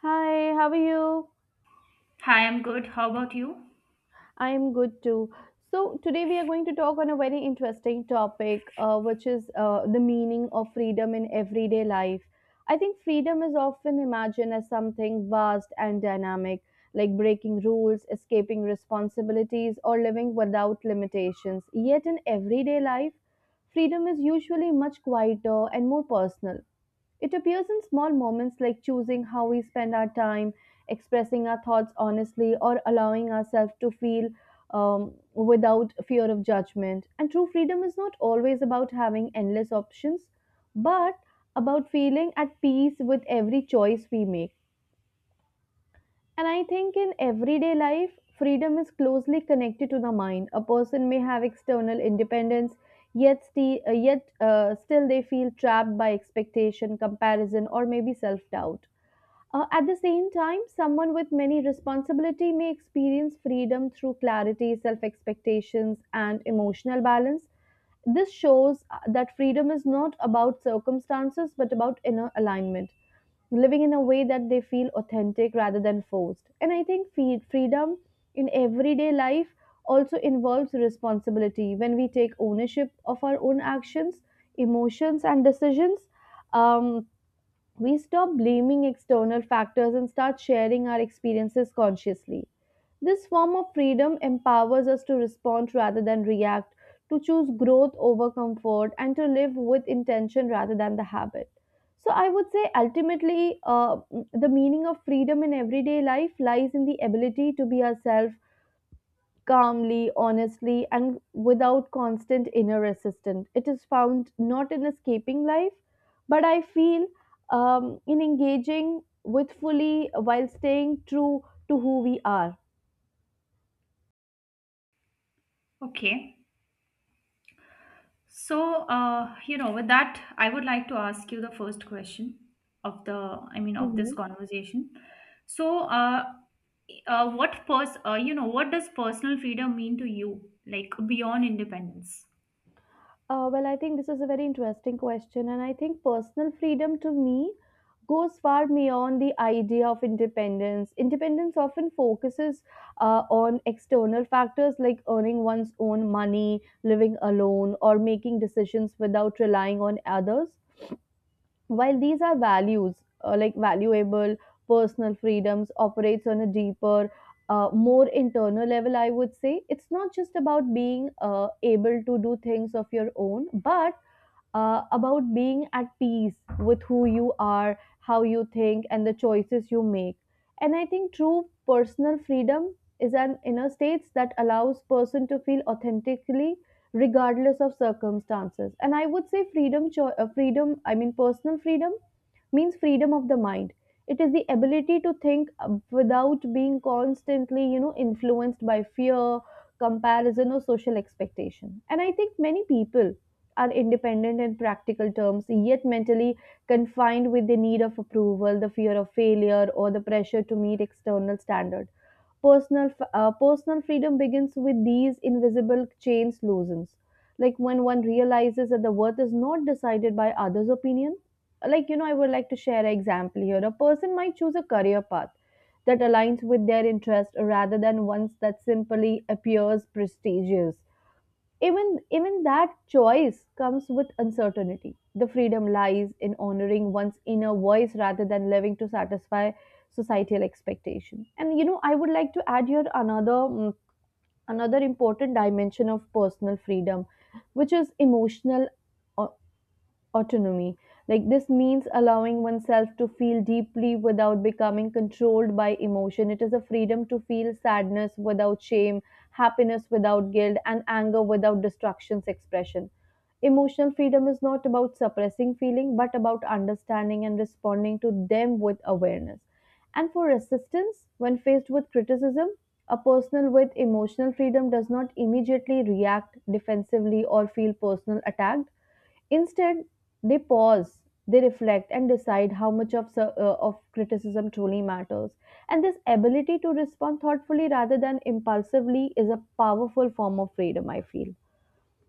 Hi, how are you? Hi, I'm good. How about you? I'm good too. So, today we are going to talk on a very interesting topic, which is the meaning of freedom in everyday life. I think freedom is often imagined as something vast and dynamic, like breaking rules, escaping responsibilities, or living without limitations. Yet, in everyday life, freedom is usually much quieter and more personal. It appears in small moments like choosing how we spend our time, expressing our thoughts honestly, or allowing ourselves to feel without fear of judgment. And true freedom is not always about having endless options, but about feeling at peace with every choice we make. And I think in everyday life, freedom is closely connected to the mind. A person may have external independence, yet, still they feel trapped by expectation, comparison, or maybe self doubt. At the same time, someone with many responsibility may experience freedom through clarity, self expectations, and emotional balance. This shows that freedom is not about circumstances but about inner alignment, living in a way that they feel authentic rather than forced. And I think freedom in everyday life also involves responsibility when we take ownership of our own actions, emotions, and decisions. Um, we stop blaming external factors and start sharing our experiences consciously. This form of freedom empowers us to respond rather than react, to choose growth over comfort, and to live with intention rather than the habit. So, I would say ultimately, the meaning of freedom in everyday life lies in the ability to be ourselves calmly, honestly, and without constant inner resistance. It is found not in escaping life, but I feel in engaging with fully while staying true to who we are. Okay. So, with that, I would like to ask you the first question of of this Mhm. conversation. So, what does personal freedom mean to you, like beyond independence? Well, I think this is a very interesting question, and I think personal freedom to me goes far beyond the idea of independence. Independence often focuses on external factors like earning one's own money, living alone, or making decisions without relying on others. While these are values, like valuable personal freedoms, operates on a deeper, more internal level, I would say. It's not just about being able to do things of your own, but about being at peace with who you are, how you think, and the choices you make. And I think true personal freedom is an inner state that allows person to feel authentically regardless of circumstances. And I would say freedom, cho- freedom. I mean personal freedom means freedom of the mind. It is the ability to think without being constantly, you know, influenced by fear, comparison, or social expectation. And I think many people are independent in practical terms, yet mentally confined with the need of approval, the fear of failure, or the pressure to meet external standards. Personal freedom begins with these invisible chains loosens. Like when one realizes that the worth is not decided by others' opinion. Like, you know, I would like to share an example here. A person might choose a career path that aligns with their interest rather than ones that simply appears prestigious even that choice comes with uncertainty. The freedom lies in honoring one's inner voice rather than living to satisfy societal expectation. And you know, I would like to add here another important dimension of personal freedom, which is emotional uh, autonomy. Like this means allowing oneself to feel deeply without becoming controlled by emotion. It is a freedom to feel sadness without shame, happiness without guilt, and anger without destruction's expression. Emotional freedom is not about suppressing feeling, but about understanding and responding to them with awareness. And for resistance, when faced with criticism, a person with emotional freedom does not immediately react defensively or feel personal attacked. Instead, they pause, they reflect, and decide how much of criticism truly matters. And this ability to respond thoughtfully rather than impulsively is a powerful form of freedom, I feel.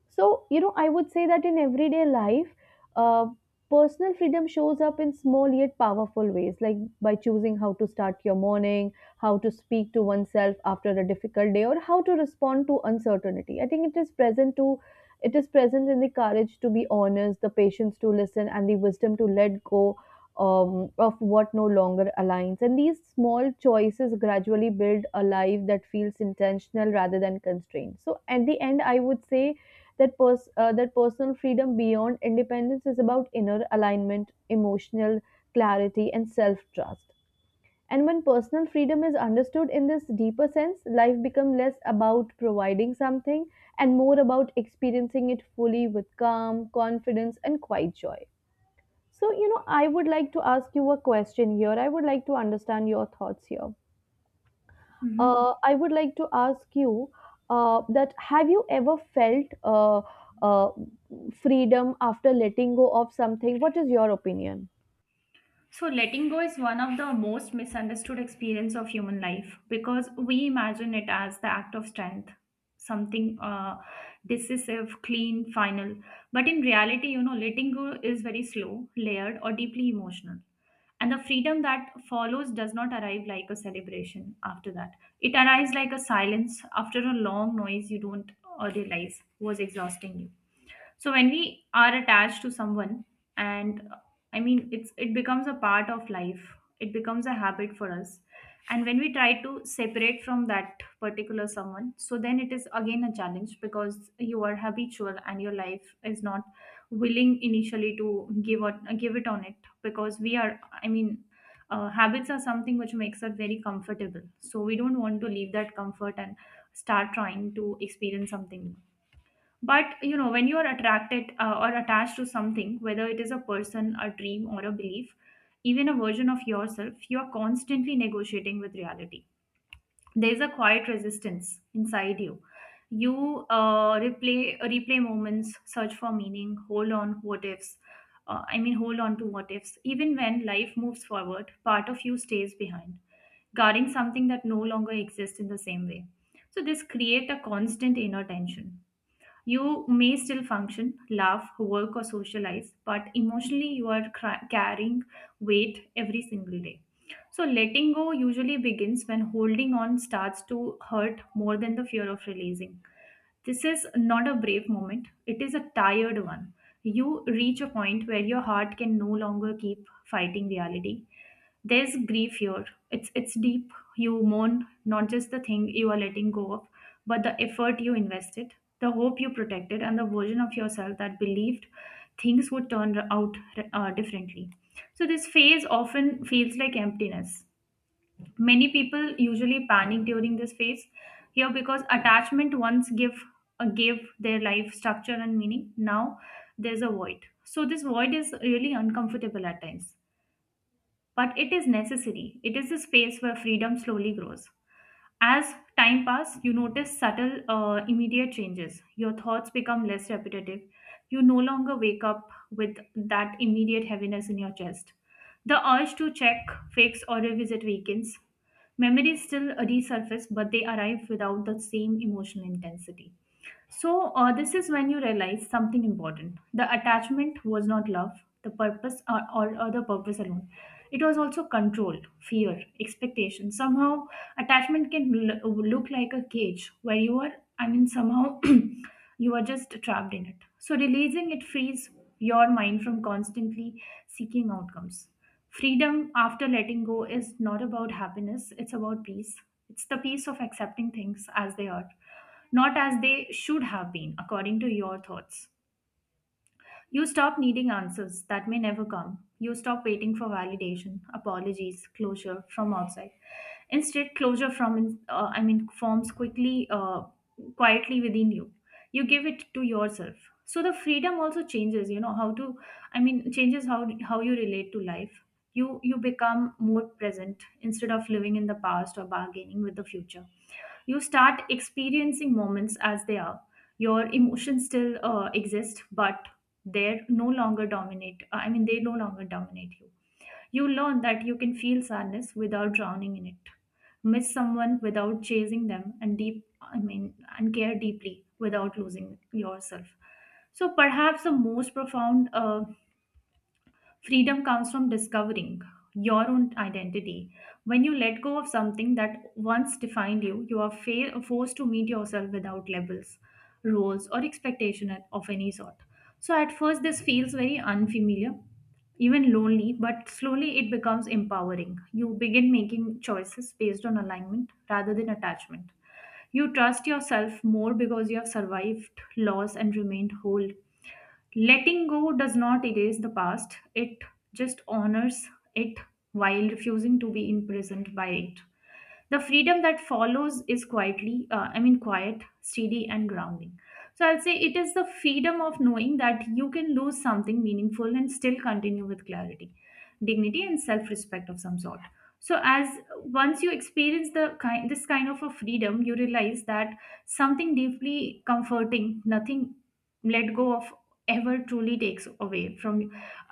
So, you know, I would say that in everyday life, uh, personal freedom shows up in small yet powerful ways, like by choosing how to start your morning, how to speak to oneself after a difficult day, or how to respond to uncertainty. I think it is present to it is present in the courage to be honest, the patience to listen, and the wisdom to let go of what no longer aligns. And these small choices gradually build a life that feels intentional rather than constrained. So, at the end, I would say that personal freedom beyond independence is about inner alignment, emotional clarity, and self-trust. And when personal freedom is understood in this deeper sense, life becomes less about providing something and more about experiencing it fully with calm, confidence, and quiet joy. So, you know, I would like to ask you a question here. I would like to understand your thoughts here. Mm-hmm. I would like to ask you that have you ever felt uh, freedom after letting go of something? What is your opinion? So letting go is one of the most misunderstood experience of human life because we imagine it as the act of strength, something decisive, clean, final. But in reality, letting go is very slow, layered, or deeply emotional. And the freedom that follows does not arrive like a celebration after that. It arrives like a silence after a long noise you don't realize was exhausting you. So when we are attached to someone and it becomes a part of life, it becomes a habit for us. And when we try to separate from that particular someone, so then it is again a challenge, because you are habitual and your life is not willing initially to give it on it, because we are habits are something which makes us very comfortable, so we don't want to leave that comfort and start trying to experience something. But you know, when you are attracted or attached to something, whether it is a person, a dream, or a belief, even a version of yourself, you are constantly negotiating with reality. There is a quiet resistance inside you. You replay moments, search for meaning, hold on what ifs, hold on to what ifs. Even when life moves forward, part of you stays behind, guarding something that no longer exists in the same way. So this creates a constant inner tension. You may still function, laugh, work, or socialize, but emotionally you are carrying weight every single day. So, letting go usually begins when holding on starts to hurt more than the fear of releasing. This is not a brave moment, it is a tired one. You reach a point where your heart can no longer keep fighting reality. There's grief here, it's deep. You mourn not just the thing you are letting go of, but the effort you invested, the hope you protected, and the version of yourself that believed things would turn out differently. So this phase often feels like emptiness. Many people usually panic during this phase here, because attachment once give gave their life structure and meaning. Now there's a void, so this void is really uncomfortable at times, but it is necessary. It is a space where freedom slowly grows. As time passes, you notice subtle, immediate changes. Your thoughts become less repetitive. You no longer wake up with that immediate heaviness in your chest. The urge to check, fix, or revisit weakens. Memories still resurface, but they arrive without the same emotional intensity. So, this is when you realize something important. The attachment was not love, the purpose, or the purpose alone. It was also control, fear, expectation. Somehow, attachment can look like a cage where you are, I mean, somehow you are just trapped in it. So, releasing it frees your mind from constantly seeking outcomes. Freedom after letting go is not about happiness, it's about peace. It's the peace of accepting things as they are, not as they should have been, according to your thoughts. You stop needing answers that may never come. You stop waiting for validation, apologies, closure from outside. Instead, closure from I mean forms quickly, quietly within you. You give it to yourself. So the freedom also changes. You know how to I mean Changes how you relate to life. You become more present. Instead of living in the past or bargaining with the future, you start experiencing moments as they are. Your emotions still exist, but they no longer dominate you. You learn that you can feel sadness without drowning in it, miss someone without chasing them, and care deeply without losing yourself. So perhaps the most profound freedom comes from discovering your own identity. When you let go of something that once defined you, you are forced to meet yourself without labels, roles, or expectation of any sort. So at first, this feels very unfamiliar, even lonely, but slowly it becomes empowering. You begin making choices based on alignment rather than attachment. You trust yourself more because you have survived loss and remained whole. Letting go does not erase the past, it just honors it while refusing to be imprisoned by it. The freedom that follows is quietly I mean quiet, steady, and grounding. So I'll say it is the freedom of knowing that you can lose something meaningful and still continue with clarity, dignity, and self-respect of some sort. So as once you experience the kind this kind of a freedom, you realize that something deeply comforting, nothing let go of ever truly takes away from,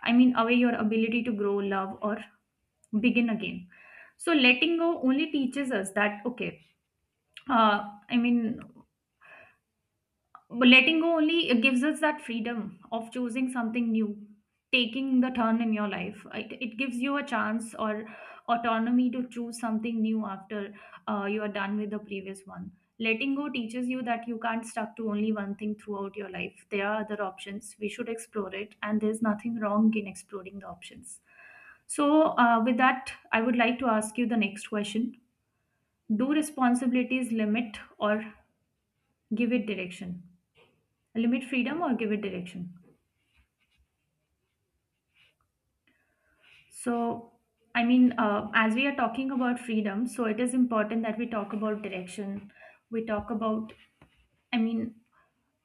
away your ability to grow, love, or begin again. So letting go only teaches us that, okay, uh, i mean letting go only gives us that freedom of choosing something new, taking the turn in your life. It gives you a chance or autonomy to choose something new after you are done with the previous one. Letting go teaches you that you can't stuck to only one thing throughout your life. There are other options we should explore it, and there's nothing wrong in exploring the options. So with that, I would like to ask you the next question. Do responsibilities limit or give it direction? Limit freedom or give it direction? So, as we are talking about freedom, so it is important that we talk about direction. We talk about, I mean,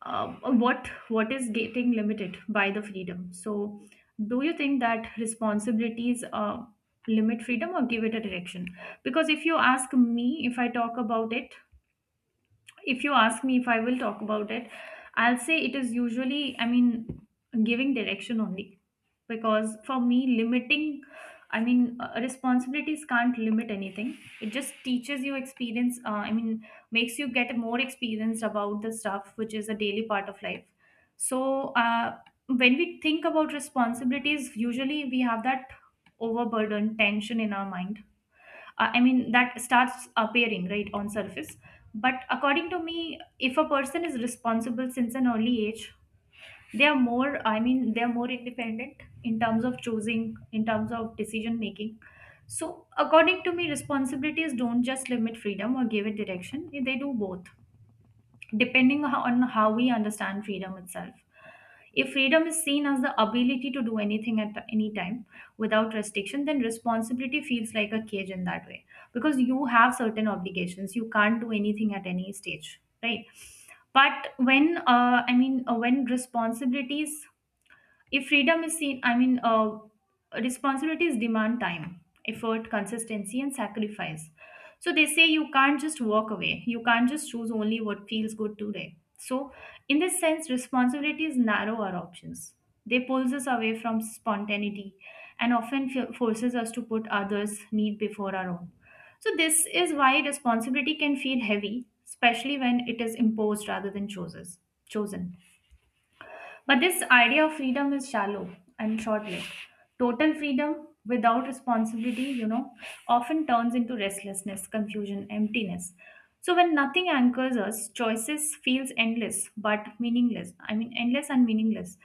uh, what is getting limited by the freedom. So, do you think that responsibilities limit freedom or give it a direction? Because if you ask me, if I talk about it, If you ask me, if I will talk about it, I'll say it is usually, giving direction only. Because for me, limiting, responsibilities can't limit anything. It just teaches you experience, makes you get more experience about the stuff which is a daily part of life. So, when we think about responsibilities, usually we have that overburden, tension in our mind. That starts appearing right on surface. But according to me, if a person is responsible since an early age, they are more, they are more independent in terms of choosing, in terms of decision making. So according to me, responsibilities don't just limit freedom or give it direction, they do both, depending on how we understand freedom itself. If freedom is seen as the ability to do anything at any time without restriction, then responsibility feels like a cage in that way, because you have certain obligations. You can't do anything at any stage, right? But when, I mean, when responsibilities if freedom is seen I mean Responsibilities demand time, effort, consistency, and sacrifice. So they say you can't just walk away, you can't just choose only what feels good today. So in this sense, responsibilities narrow our options, they pulls us away from spontaneity, and often forces us to put others need before our own. So this is why responsibility can feel heavy, especially when it is imposed rather than chooses chosen. But this idea of freedom is shallow and short lived. Total freedom without responsibility, you know, often turns into restlessness, confusion, emptiness. So when nothing anchors us, choices feels endless but meaningless. I mean endless and meaningless.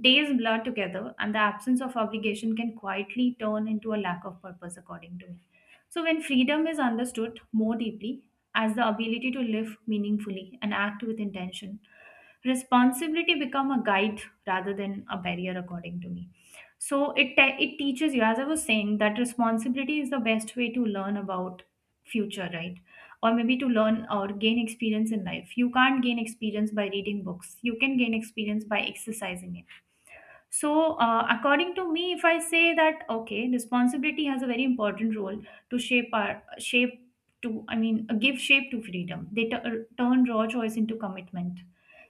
Days blur together, and the absence of obligation can quietly turn into a lack of purpose according to me. So when freedom is understood more deeply, as the ability to live meaningfully and act with intention, responsibility become a guide rather than a barrier according to me. So it it teaches you, as I was saying, that responsibility is the best way to learn about future, right? Or maybe to learn or gain experience in life. You can't gain experience by reading books, you can gain experience by exercising it. So, according to me, if I say that, okay, responsibility has a very important role to shape our shape to, I mean, give shape to freedom. They turn raw choice into commitment.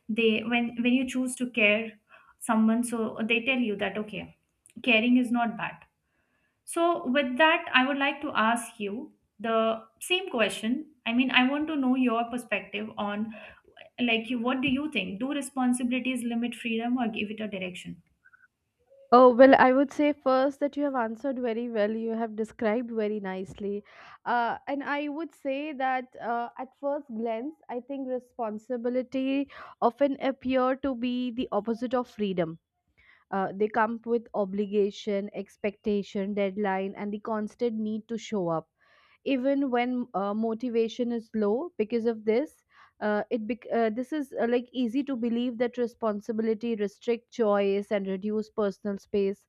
They When you choose to care someone, so they tell you that, okay, caring is not bad. So, with that, I would like to ask you the same question. I mean, I want to know your perspective on like you. What do you think? Do responsibilities limit freedom or give it a direction? Oh, well, I would say first that you have answered very well. You have described very nicely. And I would say that at first glance, I think responsibility often appear to be the opposite of freedom. They come with obligation expectation deadline and the constant need to show up even when motivation is low. Because of this this is like easy to believe that responsibility restrict choice and reduce personal space.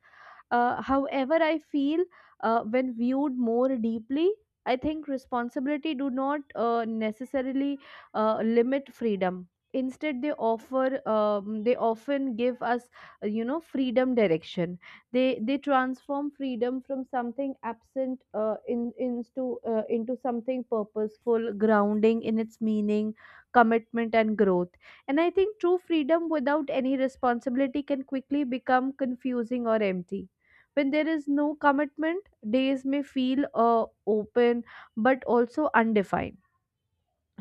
However, I feel when viewed more deeply, I think responsibility do not necessarily limit freedom. Instead, they often give us you know freedom direction. They transform freedom from something absent in into something purposeful, grounding in its meaning, commitment, and growth. And I think true freedom without any responsibility can quickly become confusing or empty when there is no commitment, days may feel open but also undefined.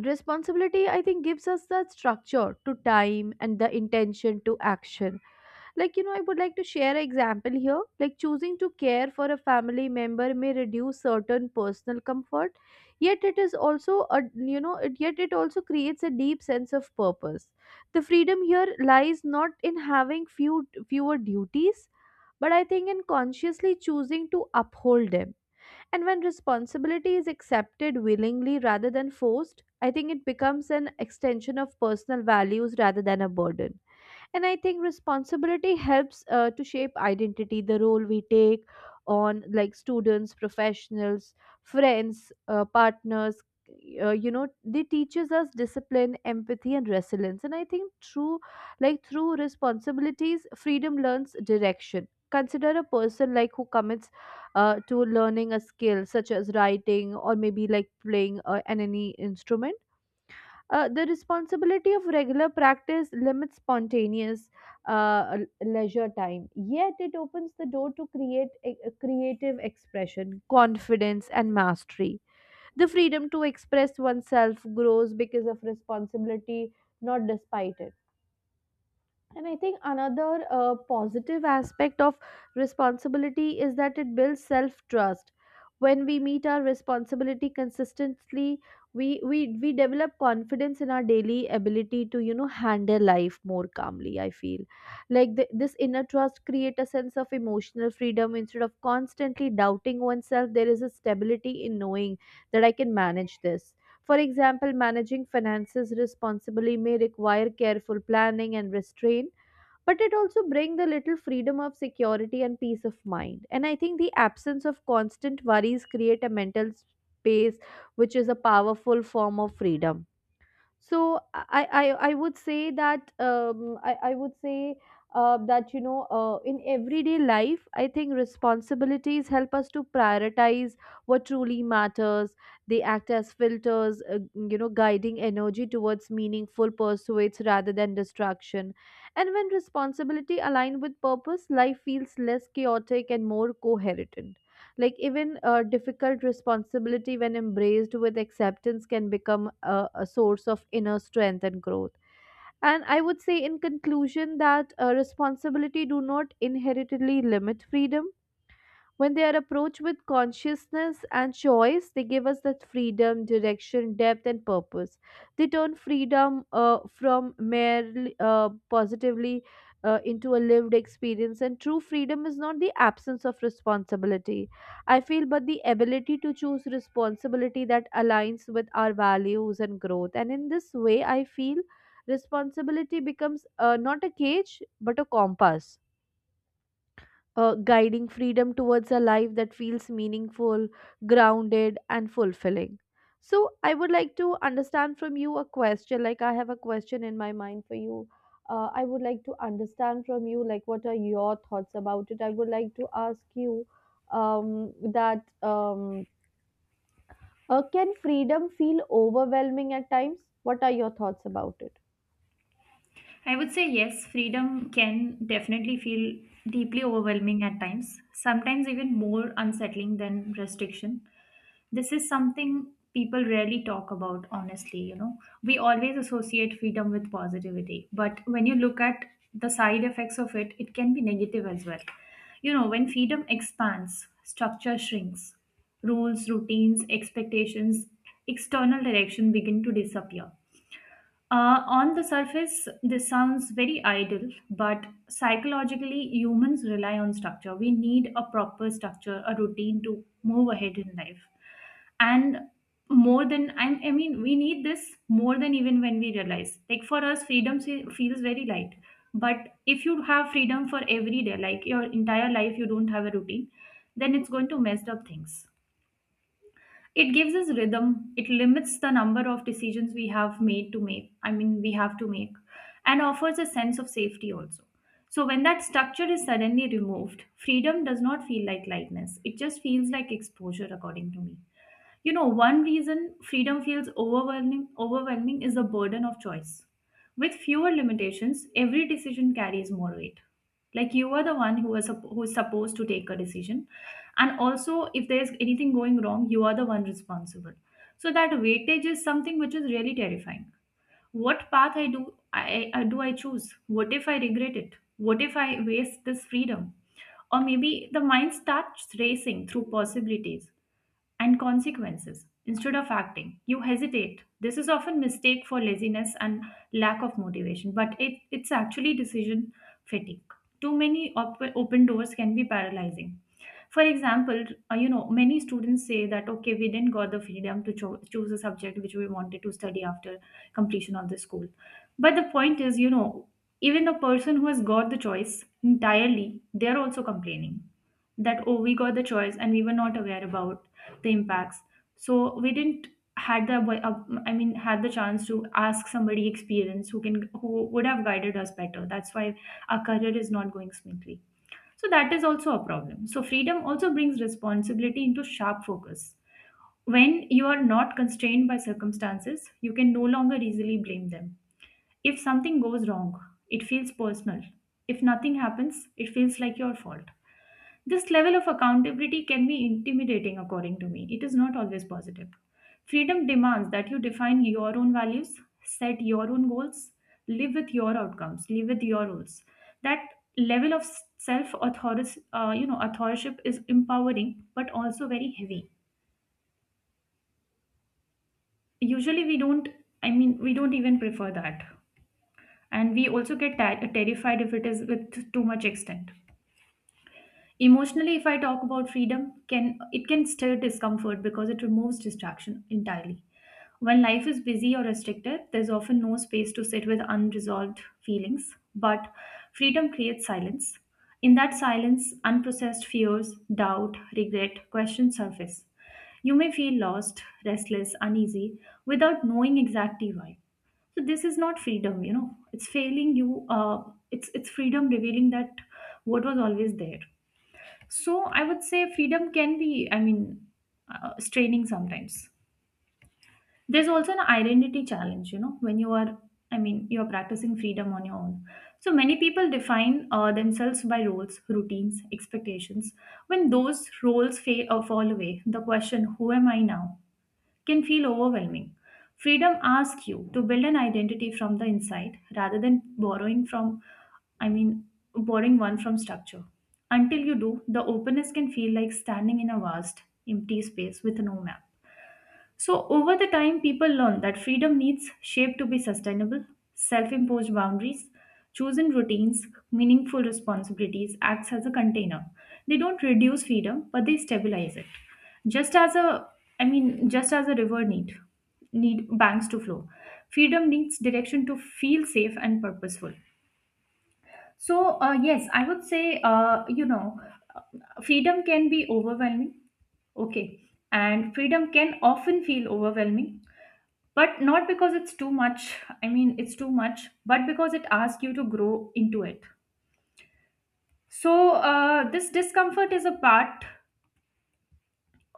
Responsibility, I think, gives us the structure to time and the intention to action. Like, you know, I would like to share an example here. Like, choosing to care for a family member may reduce certain personal comfort, yet it is also, a, you know, it, yet it also creates a deep sense of purpose. The freedom here lies not in having fewer duties but I think in consciously choosing to uphold them. And when responsibility is accepted willingly rather than forced, I think it becomes an extension of personal values rather than a burden. And I think responsibility helps to shape identity the role we take on like students professionals friends partners you know they teaches us discipline empathy and resilience. And I think through like through responsibilities freedom learns direction. Consider a person like who commits to learning a skill such as writing or maybe like playing an any instrument. The responsibility of regular practice limits spontaneous uh, l- leisure time, yet it opens the door to a creative expression, confidence, and mastery. The freedom to express oneself grows because of responsibility, not despite it. And I think another positive aspect of responsibility is that it builds self trust. When we meet our responsibility consistently, we develop confidence in our daily ability to you know handle life more calmly. I feel like this inner trust create a sense of emotional freedom instead of constantly doubting oneself. There is a stability in knowing that I can manage this. For example, managing finances responsibly may require careful planning and restraint, but it also brings the little freedom of security and peace of mind. And I think the absence of constant worries create a mental space which is a powerful form of freedom. So I would say that I would say that you know in everyday life I think responsibilities help us to prioritize what truly matters. They act as filters you know guiding energy towards meaningful pursuits rather than distraction. And when responsibility align with purpose life feels less chaotic and more coherent, like even a difficult responsibility when embraced with acceptance can become a source of inner strength and growth. And I would say in conclusion that responsibility do not inherently limit freedom. When they are approached with consciousness and choice, they give us that freedom, direction, depth, and purpose. They turn freedom from merely positively into a lived experience. And true freedom is not the absence of responsibility, I feel, but the ability to choose responsibility that aligns with our values and growth. And in this way, I feel responsibility becomes not a cage, but a compass guiding freedom towards a life that feels meaningful, grounded, and fulfilling. So, I would like to understand from you a question. Like, I have a question in my mind for you. I would like to understand from you, like, what are your thoughts about it? I would like to ask you that can freedom feel overwhelming at times? What are your thoughts about it? I would say yes, freedom can definitely feel deeply overwhelming at times, sometimes even more unsettling than restriction. This is something people rarely talk about, honestly. You know, we always associate freedom with positivity, but when you look at the side effects of it, it can be negative as well. You know, when freedom expands, structure shrinks, rules, routines, expectations, external direction begin to disappear. On the surface, this sounds very idle, but psychologically, humans rely on structure. We need a proper structure, a routine to move ahead in life. And more than, I mean, we need this more than even when we realize. Like for us, feels very light. But if you have freedom for every day, like your entire life, you don't have a routine, then it's going to mess up things. It gives us rhythm. It limits the number of decisions we have to make, and offers a sense of safety also. So when that structure is suddenly removed, freedom does not feel like lightness, it just feels like exposure, according to me. You know, one reason freedom feels overwhelming is the burden of choice. With fewer limitations, every decision carries more weight. Like you are the one who is supposed to take a decision, and also if there is anything going wrong, you are the one responsible. So that weightage is something which is really terrifying. What path I do I choose? What if I regret it? What if I waste this freedom? Or maybe the mind starts racing through possibilities and consequences. Instead of acting, you hesitate. This is often mistake for laziness and lack of motivation, but it's actually decision fatigue. Open doors can be paralyzing. For example, you know, many students say that, okay, we didn't got the freedom to choose a subject which we wanted to study after completion of the school. But the point is, you know, even the person who has got the choice entirely, they're also complaining that, oh, we got the choice and we were not aware about the impacts, so we didn't had the abo- I mean had the chance to ask somebody experienced who can, who would have guided us better. That's why our career is not going smoothly. So that is also a problem. So freedom also brings responsibility into sharp focus. When you are not constrained by circumstances, you can no longer easily blame them. If something goes wrong, it feels personal. If nothing happens, it feels like your fault. This level of accountability can be intimidating, according to me. It is not always positive. Freedom demands that you define your own values, set your own goals, live with your outcomes, live with your rules. That level of self you know, authorship is empowering but also very heavy. Usually we don't, I mean we don't even prefer that, and we also get terrified if it is with too much extent. Emotionally, if I talk about freedom, can it can stir discomfort because it removes distraction entirely. When life is busy or restricted, there's often no space to sit with unresolved feelings, but freedom creates silence. In that silence, unprocessed fears, doubt, regret, questions surface. You may feel lost, restless, uneasy without knowing exactly why. So this is not freedom, you know. It's failing you. It's freedom revealing that what was always there. So I would say freedom can be, I mean, straining sometimes. There's also an identity challenge, you know, when you are, I mean, you're practicing freedom on your own. So many people define themselves by roles, routines, expectations. When those roles fail or fall away, the question, who am I now? Can feel overwhelming. Freedom asks you to build an identity from the inside rather than borrowing from, I mean, borrowing one from structure. Until you do, the openness can feel like standing in a vast, empty space with no map. So, over the time, people learn that freedom needs shape to be sustainable, self imposed boundaries, chosen routines, meaningful responsibilities acts as a container. They don't reduce freedom, but they stabilize it. Just as a, I mean, just as a need banks to flow, freedom needs direction to feel safe and purposeful. So, yes, I would say, you know, uh, freedom can be overwhelming. Okay. And freedom can often feel overwhelming, but not because it's too much, I mean it's too much, but because it asks you to grow into it. So this discomfort is a part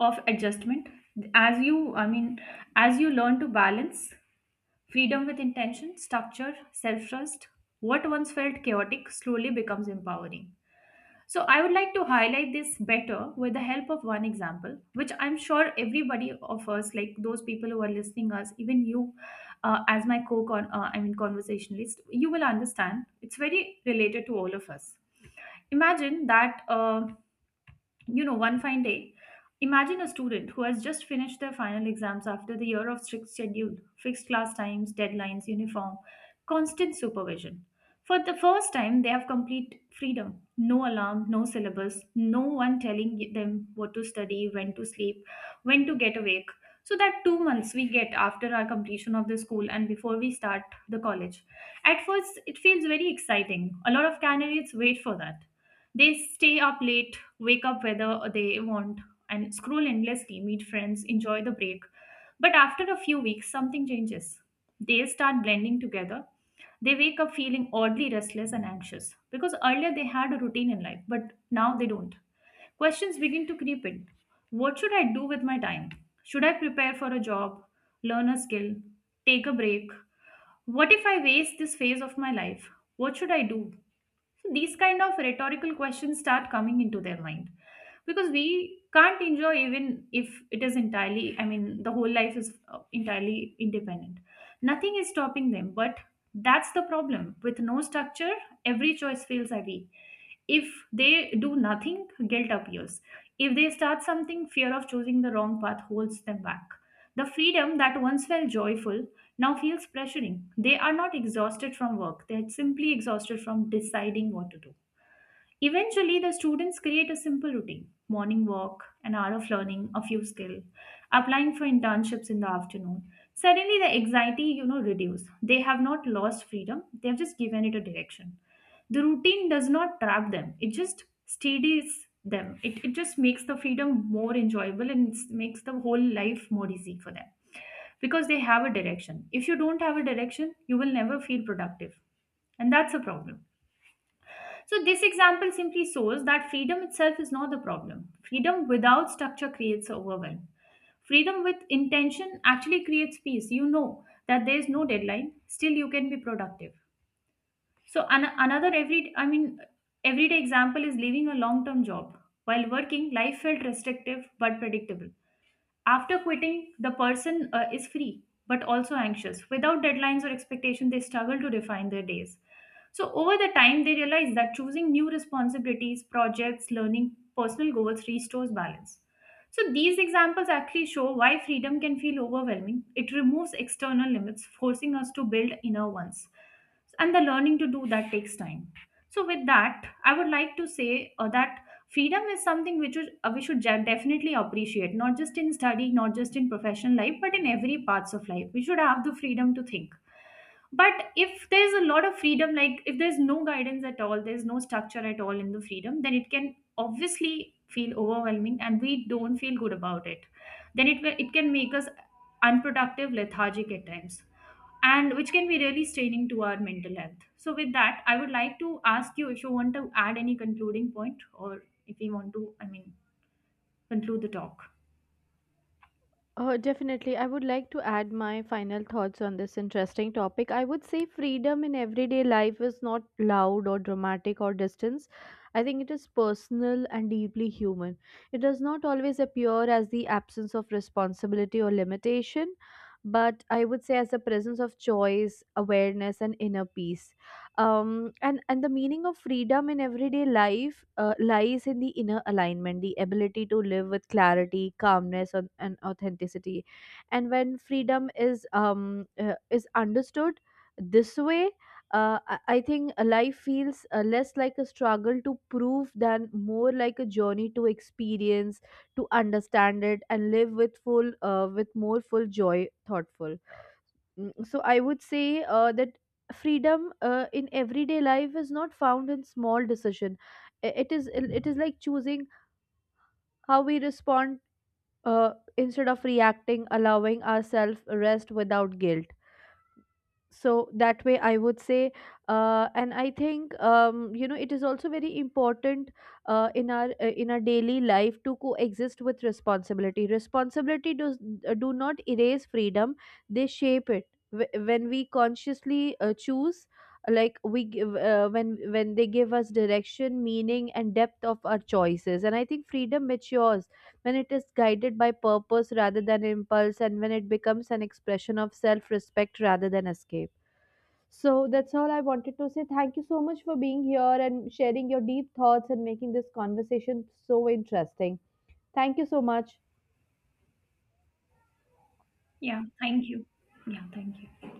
of adjustment, as you i mean as you learn to balance freedom with intention, structure, self trust. What once felt chaotic slowly becomes empowering. So I would like to highlight this better with the help of one example, which I'm sure everybody of us, like those people who are listening us, even you, as my co-con, I mean conversationalist, you will understand. It's very related to all of us. Imagine that. You know, one fine day, imagine a student who has just finished their final exams after the year of strict schedule, fixed class times, deadlines, uniform, constant supervision. For the first time, they have complete freedom. No alarm, no syllabus, no one telling them what to study, when to sleep, when to get awake. So that 2 months we get after our completion of the school and before we start the college. At first, it feels very exciting. A lot of candidates wait for that. They stay up late, wake up whether they want, and scroll endlessly, meet friends, enjoy the break. But after a few weeks, something changes. They start blending together. They wake up feeling oddly restless and anxious because earlier they had a routine in life, but now they don't. Questions begin to creep in. What should I do with my time? Should I prepare for a job, learn a skill, take a break? What if I waste this phase of my life? What should I do? So these kind of rhetorical questions start coming into their mind because we can't enjoy even if it is entirely, I mean, the whole life is entirely independent. Nothing is stopping them, but that's the problem. With no structure, every choice feels heavy. If they do nothing, guilt appears. If they start something, fear of choosing the wrong path holds them back. The freedom that once felt joyful now feels pressuring. They are not exhausted from work, they're simply exhausted from deciding what to do. Eventually, the students create a simple routine: morning walk, an hour of learning, a few skill, applying for internships in the afternoon. Suddenly, the anxiety, you know, reduce. They have not lost freedom. They have just given it a direction. The routine does not trap them. It just steadies them. It just makes the freedom more enjoyable and makes the whole life more easy for them because they have a direction. If you don't have a direction, you will never feel productive. And that's a problem. So, this example simply shows that freedom itself is not the problem. Freedom without structure creates overwhelm. Freedom with intention actually creates peace. You know that there is no deadline, still, you can be productive. So, another everyday example is leaving a long term job. While working, life felt restrictive but predictable. After quitting, the person is free but also anxious. Without deadlines or expectation, they struggle to define their days. So, over the time, they realize that choosing new responsibilities, projects, learning, personal goals restores balance. So, these examples actually show why freedom can feel overwhelming. It removes external limits, forcing us to build inner ones. And the learning to do that takes time. So, with that, I would like to say that freedom is something which is, we should definitely appreciate, not just in study, not just in professional life, but in every parts of life we should have the freedom to think. But if there's a lot of freedom, like if there's no guidance at all, there's no structure at all in the freedom, then it can obviously feel overwhelming and we don't feel good about it. Then it can make us unproductive, lethargic at times, and which can be really straining to our mental health. So, with that, I would like to ask you if you want to add any concluding point or if you want to, I mean, conclude the talk. Definitely. I would like to add my final thoughts on this interesting topic. I would say freedom in everyday life is not loud or dramatic or distance. I think it is personal and deeply human. It does not always appear as the absence of responsibility or limitation, but I would say as a presence of choice, awareness, and inner peace. And the meaning of freedom in everyday life lies in the inner alignment the ability to live with clarity calmness and authenticity. And when freedom is understood this way, I think a life feels less like a struggle to prove than more like a journey to experience, to understand it, and live with full, with more full joy, thoughtful. Mm, so I would say that freedom in everyday life is not found in small decision. It is like choosing how we respond uh, instead of reacting allowing ourselves rest without guilt. So that way I would say and I think you know it is also very important in our daily life to coexist with responsibility. Responsibility does do not erase freedom, they shape it. When we consciously choose like we give when they give us direction meaning and depth of our choices. And I think freedom matures when it is guided by purpose rather than impulse and when it becomes an expression of self respect rather than escape. So that's all I wanted to say. Thank you so much for being here and sharing your deep thoughts and making this conversation so interesting. Thank you so much. Yeah, thank you. Yeah, thank you.